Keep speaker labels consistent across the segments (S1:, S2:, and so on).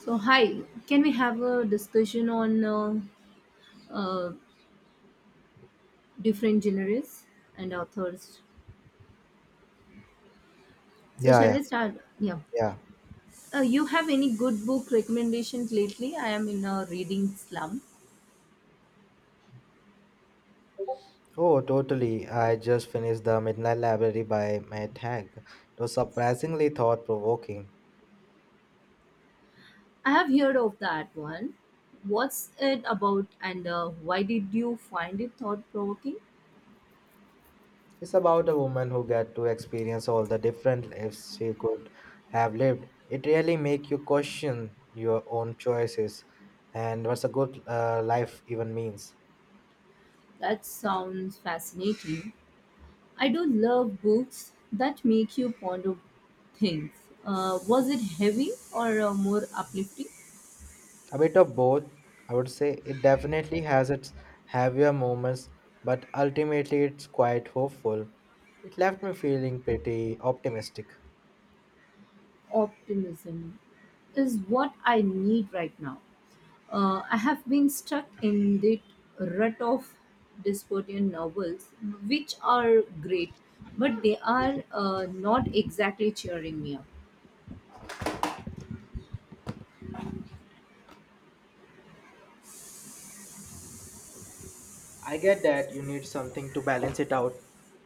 S1: So, hi, can we have a discussion on uh, different genres and authors? So,
S2: Yeah,
S1: shall
S2: yeah,
S1: we start? Yeah.
S2: yeah.
S1: You have any good book recommendations lately? I am in a reading slump.
S2: Oh, totally. I just finished The Midnight Library by Matt Haig. It was surprisingly thought-provoking.
S1: I have heard of that one. What's it about and why did you find it thought provoking?
S2: It's about a woman who got to experience all the different lives she could have lived. It really make you question your own choices and what's a good life even means.
S1: That sounds fascinating. I do love books that make you ponder things. Was it heavy or more uplifting?
S2: A bit of both, I would say. It definitely has its heavier moments, but ultimately it's quite hopeful. It left me feeling pretty optimistic.
S1: Optimism is what I need right now. I have been stuck in that rut of dystopian novels, which are great, but they are not exactly cheering me up.
S2: I get that you need something to balance it out.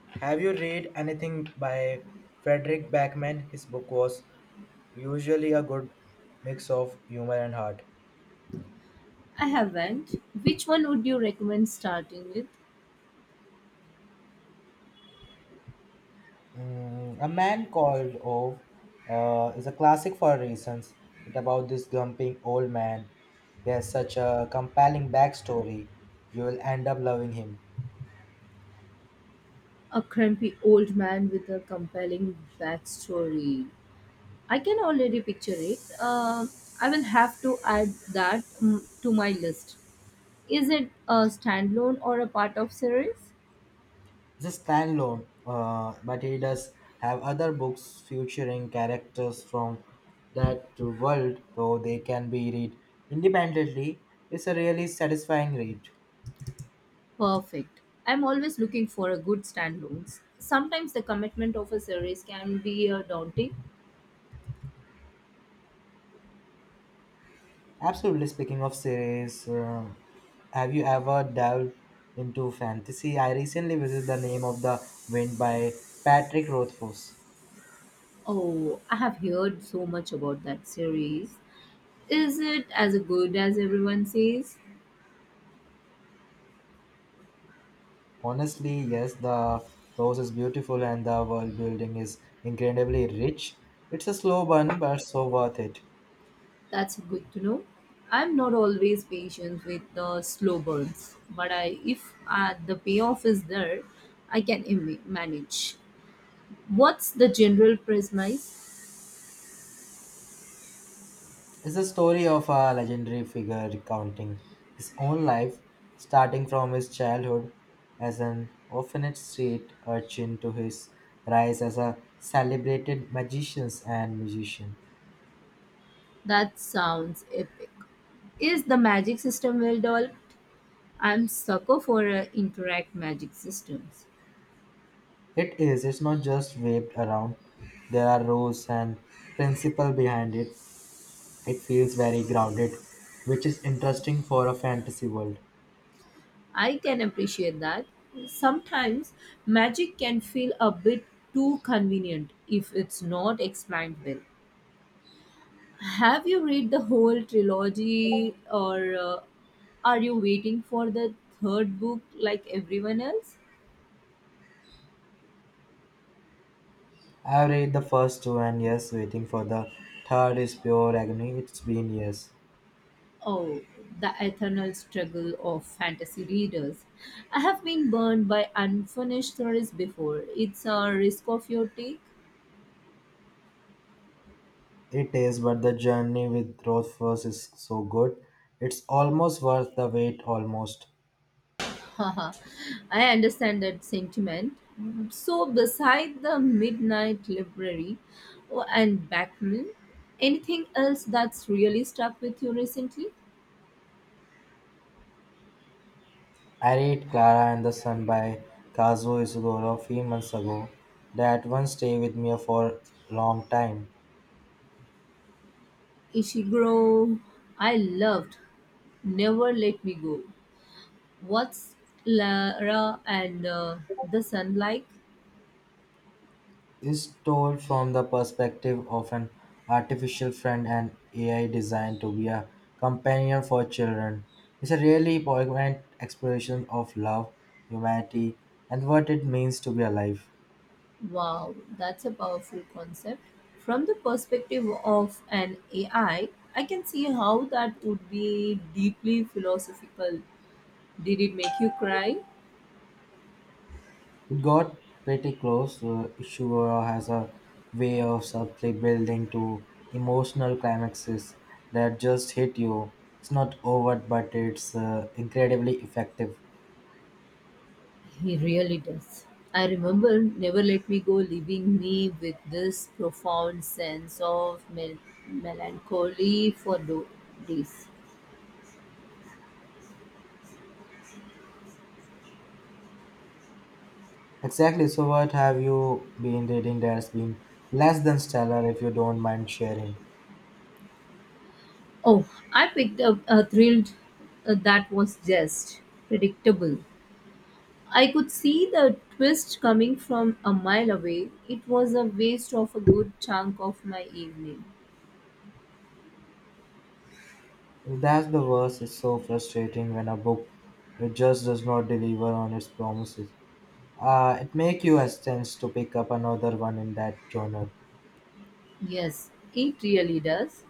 S2: Have you read anything by Frederick Backman? His book was usually a good mix of humor and heart.
S1: I haven't. Which one would you recommend starting with?
S2: Mm, a man called Ove is a classic for reasons. It's about this grumpy old man. He has such a compelling backstory. You will end up loving him.
S1: A crumpy old man with a compelling backstory. I can already picture it. I will have to add that to my list. Is it a standalone or a part of series?
S2: It's a standalone, but he does have other books featuring characters from that world, though they can be read independently. It's a really satisfying read.
S1: Perfect. I'm always looking for a good standalones. Sometimes the commitment of a series can be daunting.
S2: Absolutely. Speaking of series, have you ever delved into fantasy? I recently visited The Name of the Wind by Patrick Rothfuss.
S1: Oh, I have heard so much about that series. Is it as good as everyone says?
S2: Honestly, yes, the prose is beautiful and the world building is incredibly rich. It's a slow burn, but so worth it.
S1: That's good to know. I'm not always patient with the slow burns, but I, if the payoff is there, I can manage. What's the general premise?
S2: It's the story of a legendary figure recounting his own life, starting from his childhood as an orphanage street urchin to his rise as a celebrated magician and musician.
S1: That sounds epic. Is the magic system well developed? I'm sucker for interact magic systems.
S2: It is, it's not just waved around, there are rules and principle behind it. It feels very grounded, which is interesting for a fantasy world.
S1: I can appreciate that. Sometimes magic can feel a bit too convenient if it's not explained well. Have you read the whole trilogy or are you waiting for the third book like everyone else?
S2: I've read the first two, and yes, waiting for the third is pure agony. It's been years.
S1: Oh, the eternal struggle of fantasy readers. I have been burned by unfinished stories before. It's a risk of your take.
S2: It is, but the journey with Rothfuss is so good. It's almost worth the wait, almost.
S1: Haha, I understand that sentiment. So, beside the Midnight Library oh, and Backman, anything else that's really stuck with you recently?
S2: I read Clara and the Sun by Kazuo Ishiguro a few months ago. That one stayed with me for a long time.
S1: Ishiguro, I loved Never Let Me Go. What's Lara and the Sun like?
S2: Is told from the perspective of an artificial friend and AI designed to be a companion for children. It's a really poignant exploration of love, humanity, and what it means to be alive.
S1: Wow, that's a powerful concept. From the perspective of an AI, I can see how that would be deeply philosophical. Did it make you cry?
S2: It got pretty close. Ishiguro has a way of subtly building to emotional climaxes that just hit you. It's not overt, but it's incredibly effective.
S1: He really does. I remember Never Let Me Go leaving me with this profound sense of melancholy for days.
S2: Exactly. So, what have you been reading that's been less than stellar if you don't mind sharing?
S1: Oh, I picked up a thrilled that was just predictable. I could see the twist coming from a mile away. It was a waste of a good chunk of my evening.
S2: That's the worst. It's so frustrating when a book it just does not deliver on its promises. It makes you hesitant to pick up another one in that genre.
S1: Yes, it really does.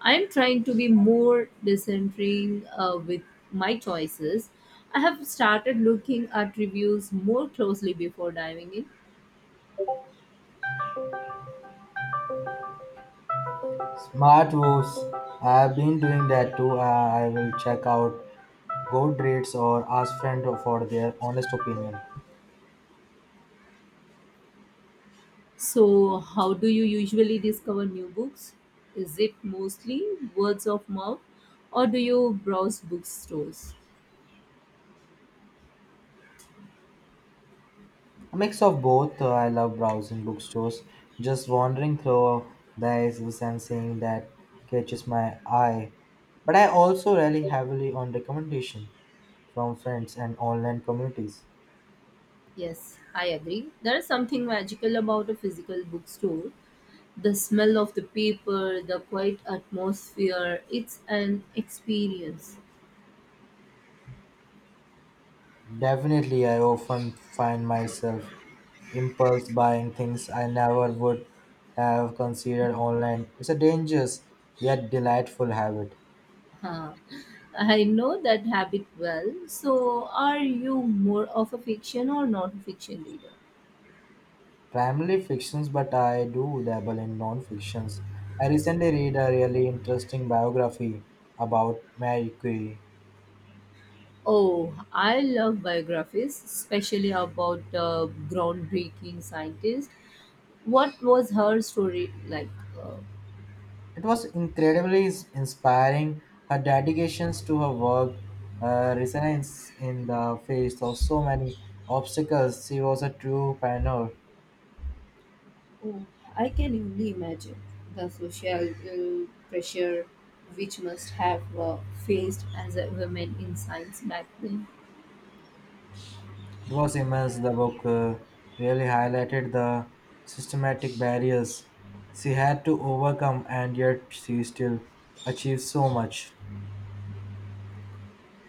S1: I'm trying to be more discerning with my choices. I have started looking at reviews more closely before diving in.
S2: Smartwatch. I've been doing that too. I will check out gold rates or ask friends for their honest opinion.
S1: So, how do you usually discover new books? Is it mostly words of mouth or do you browse bookstores?
S2: A mix of both. I love browsing bookstores, just wandering through the aisles and seeing that catches my eye. But I also rely heavily on recommendation from friends and online communities.
S1: Yes, I agree. There is something magical about a physical bookstore. The smell of the paper, the quiet atmosphere, it's an experience.
S2: Definitely, I often find myself impulse buying things I never would have considered online. It's a dangerous yet delightful habit.
S1: Huh. I know that habit well. So, are you more of a fiction or not a fiction reader?
S2: Primarily fictions, but I do dabble in non fictions. I recently read a really interesting biography about Marie Curie.
S1: Oh, I love biographies, especially about groundbreaking scientists. What was her story like? Uh,
S2: It was incredibly inspiring. Her dedications to her work, her resilience in the face of so many obstacles, she was a true pioneer.
S1: Oh, I can only imagine the social pressure which must have faced as a woman in science back then.
S2: It was immense. The book really highlighted the systematic barriers she had to overcome, and yet she still achieved so much.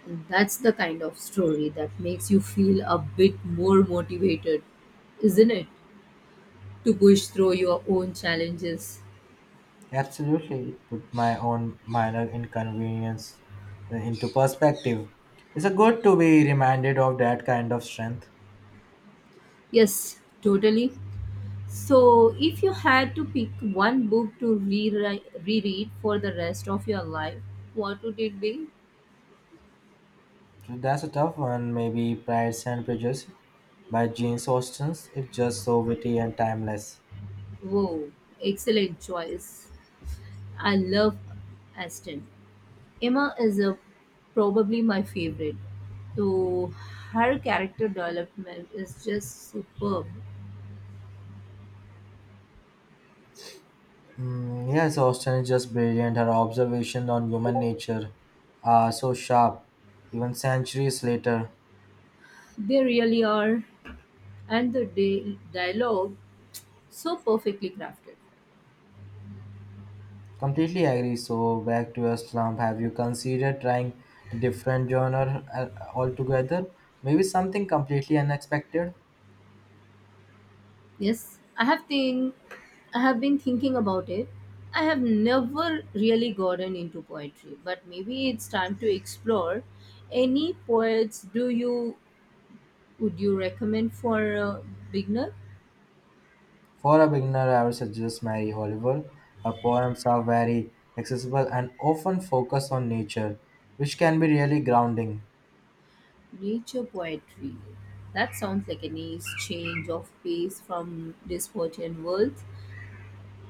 S1: And that's the kind of story that makes you feel a bit more motivated, isn't it? To push through your own challenges.
S2: Absolutely, it put my own minor inconvenience into perspective. It's a good to be reminded of that kind of strength.
S1: Yes, totally. So, if you had to pick one book to rewrite, reread for the rest of your life, what would it be?
S2: That's a tough one. Maybe Pride and Prejudice by Jane Austen. It's just so witty and timeless.
S1: Whoa, excellent choice. I love Aston. Emma is a, probably my favorite. So her character development is just superb.
S2: Mm, yes, Austen is just brilliant. Her observations on human nature are so sharp, even centuries later.
S1: They really are, and the dialogue so perfectly crafted.
S2: Completely agree. So back to your slump. Have you considered trying different genre altogether? Maybe something completely unexpected.
S1: Yes, I have think I have been thinking about it. I have never really gotten into poetry, but maybe it's time to explore. Any poets do you would you recommend for a beginner?
S2: For a beginner, I would suggest Mary Oliver. Her poems are very accessible and often focus on nature, which can be really grounding.
S1: Nature poetry. That sounds like a nice change of pace from Despotian worlds.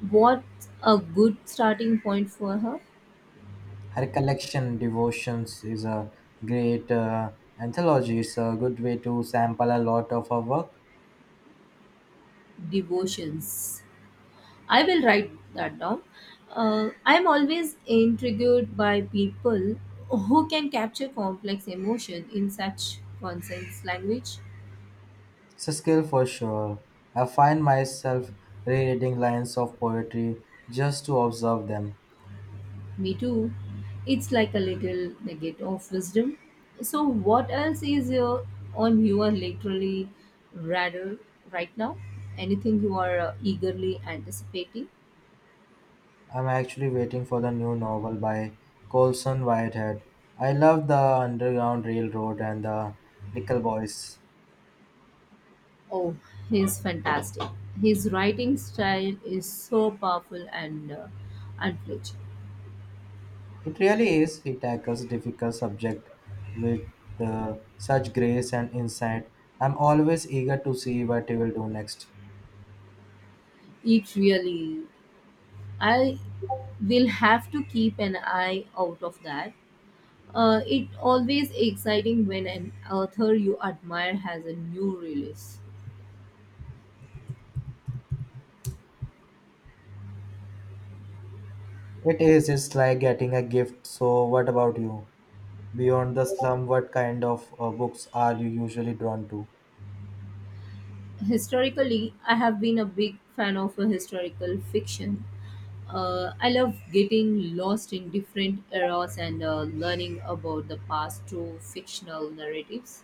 S1: What a good starting point for her
S2: Her collection, Devotions, is a great anthology. It's a good way to sample a lot of her work.
S1: devotions. I will write that down. I'm always intrigued by people who can capture complex emotion in such concise language.
S2: It's a skill for sure. I find myself rereading lines of poetry just to observe them.
S1: Me too. It's like a little nugget of wisdom. So, what else is your, on your literally radar right now? Anything you are eagerly anticipating?
S2: I'm actually waiting for the new novel by Colson Whitehead. I love the Underground Railroad and the Nickel Boys.
S1: Oh, he's fantastic. His writing style is so powerful and unflinching.
S2: It really is. He tackles difficult subject with such grace and insight. I'm always eager to see what he will do next.
S1: It really, I will have to keep an eye out of that. It always exciting when an author you admire has a new release.
S2: It is. It's like getting a gift. So, what about you? Beyond the slum, what kind of books are you usually drawn to?
S1: Historically I have been a big fan of historical fiction, I love getting lost in different eras and learning about the past through fictional narratives.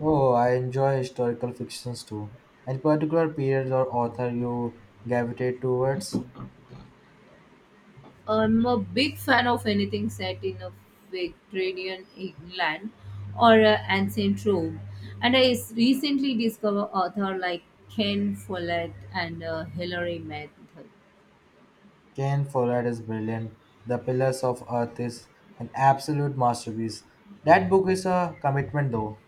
S2: Oh, I enjoy historical fictions too. Any particular period or author you gravitate towards?
S1: I'm a big fan of anything set in a Victorian England or ancient Rome, and I recently discovered authors like Ken Follett and Hilary Mantel.
S2: Ken Follett is brilliant. The Pillars of Earth is an absolute masterpiece. That book is a commitment though.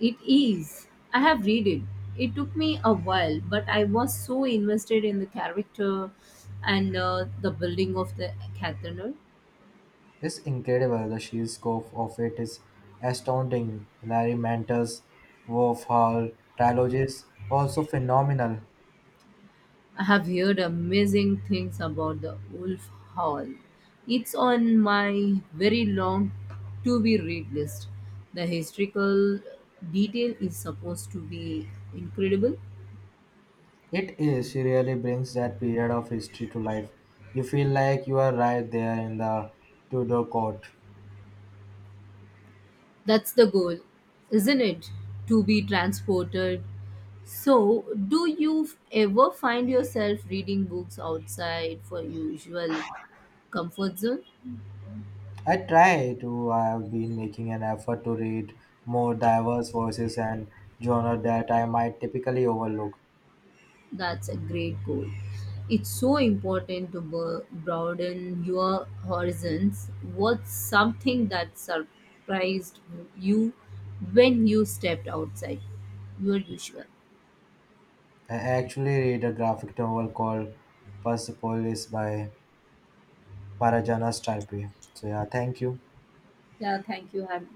S1: It is. I have read it. It took me a while, but I was so invested in the character and the building of the cathedral.
S2: It's incredible. The sheer scope of it is astounding. Hilary Mantel's Wolf Hall trilogy is also phenomenal.
S1: I have heard amazing things about the Wolf Hall. It's on my very long to be read list. The historical detail is supposed to be incredible.
S2: It is. She really brings that period of history to life. You feel like you are right there in the Tudor court.
S1: That's the goal, isn't it? To be transported. So, do you ever find yourself reading books outside for usual comfort zone?
S2: I try to. I have been making an effort to read more diverse voices and genre that I might typically overlook.
S1: That's a great goal. It's so important to broaden your horizons. What's something that surprised you when you stepped outside your usual?
S2: I actually read a graphic novel called Persepolis by Maharajanas Type. So yeah, thank you.
S1: Yeah, thank you. Have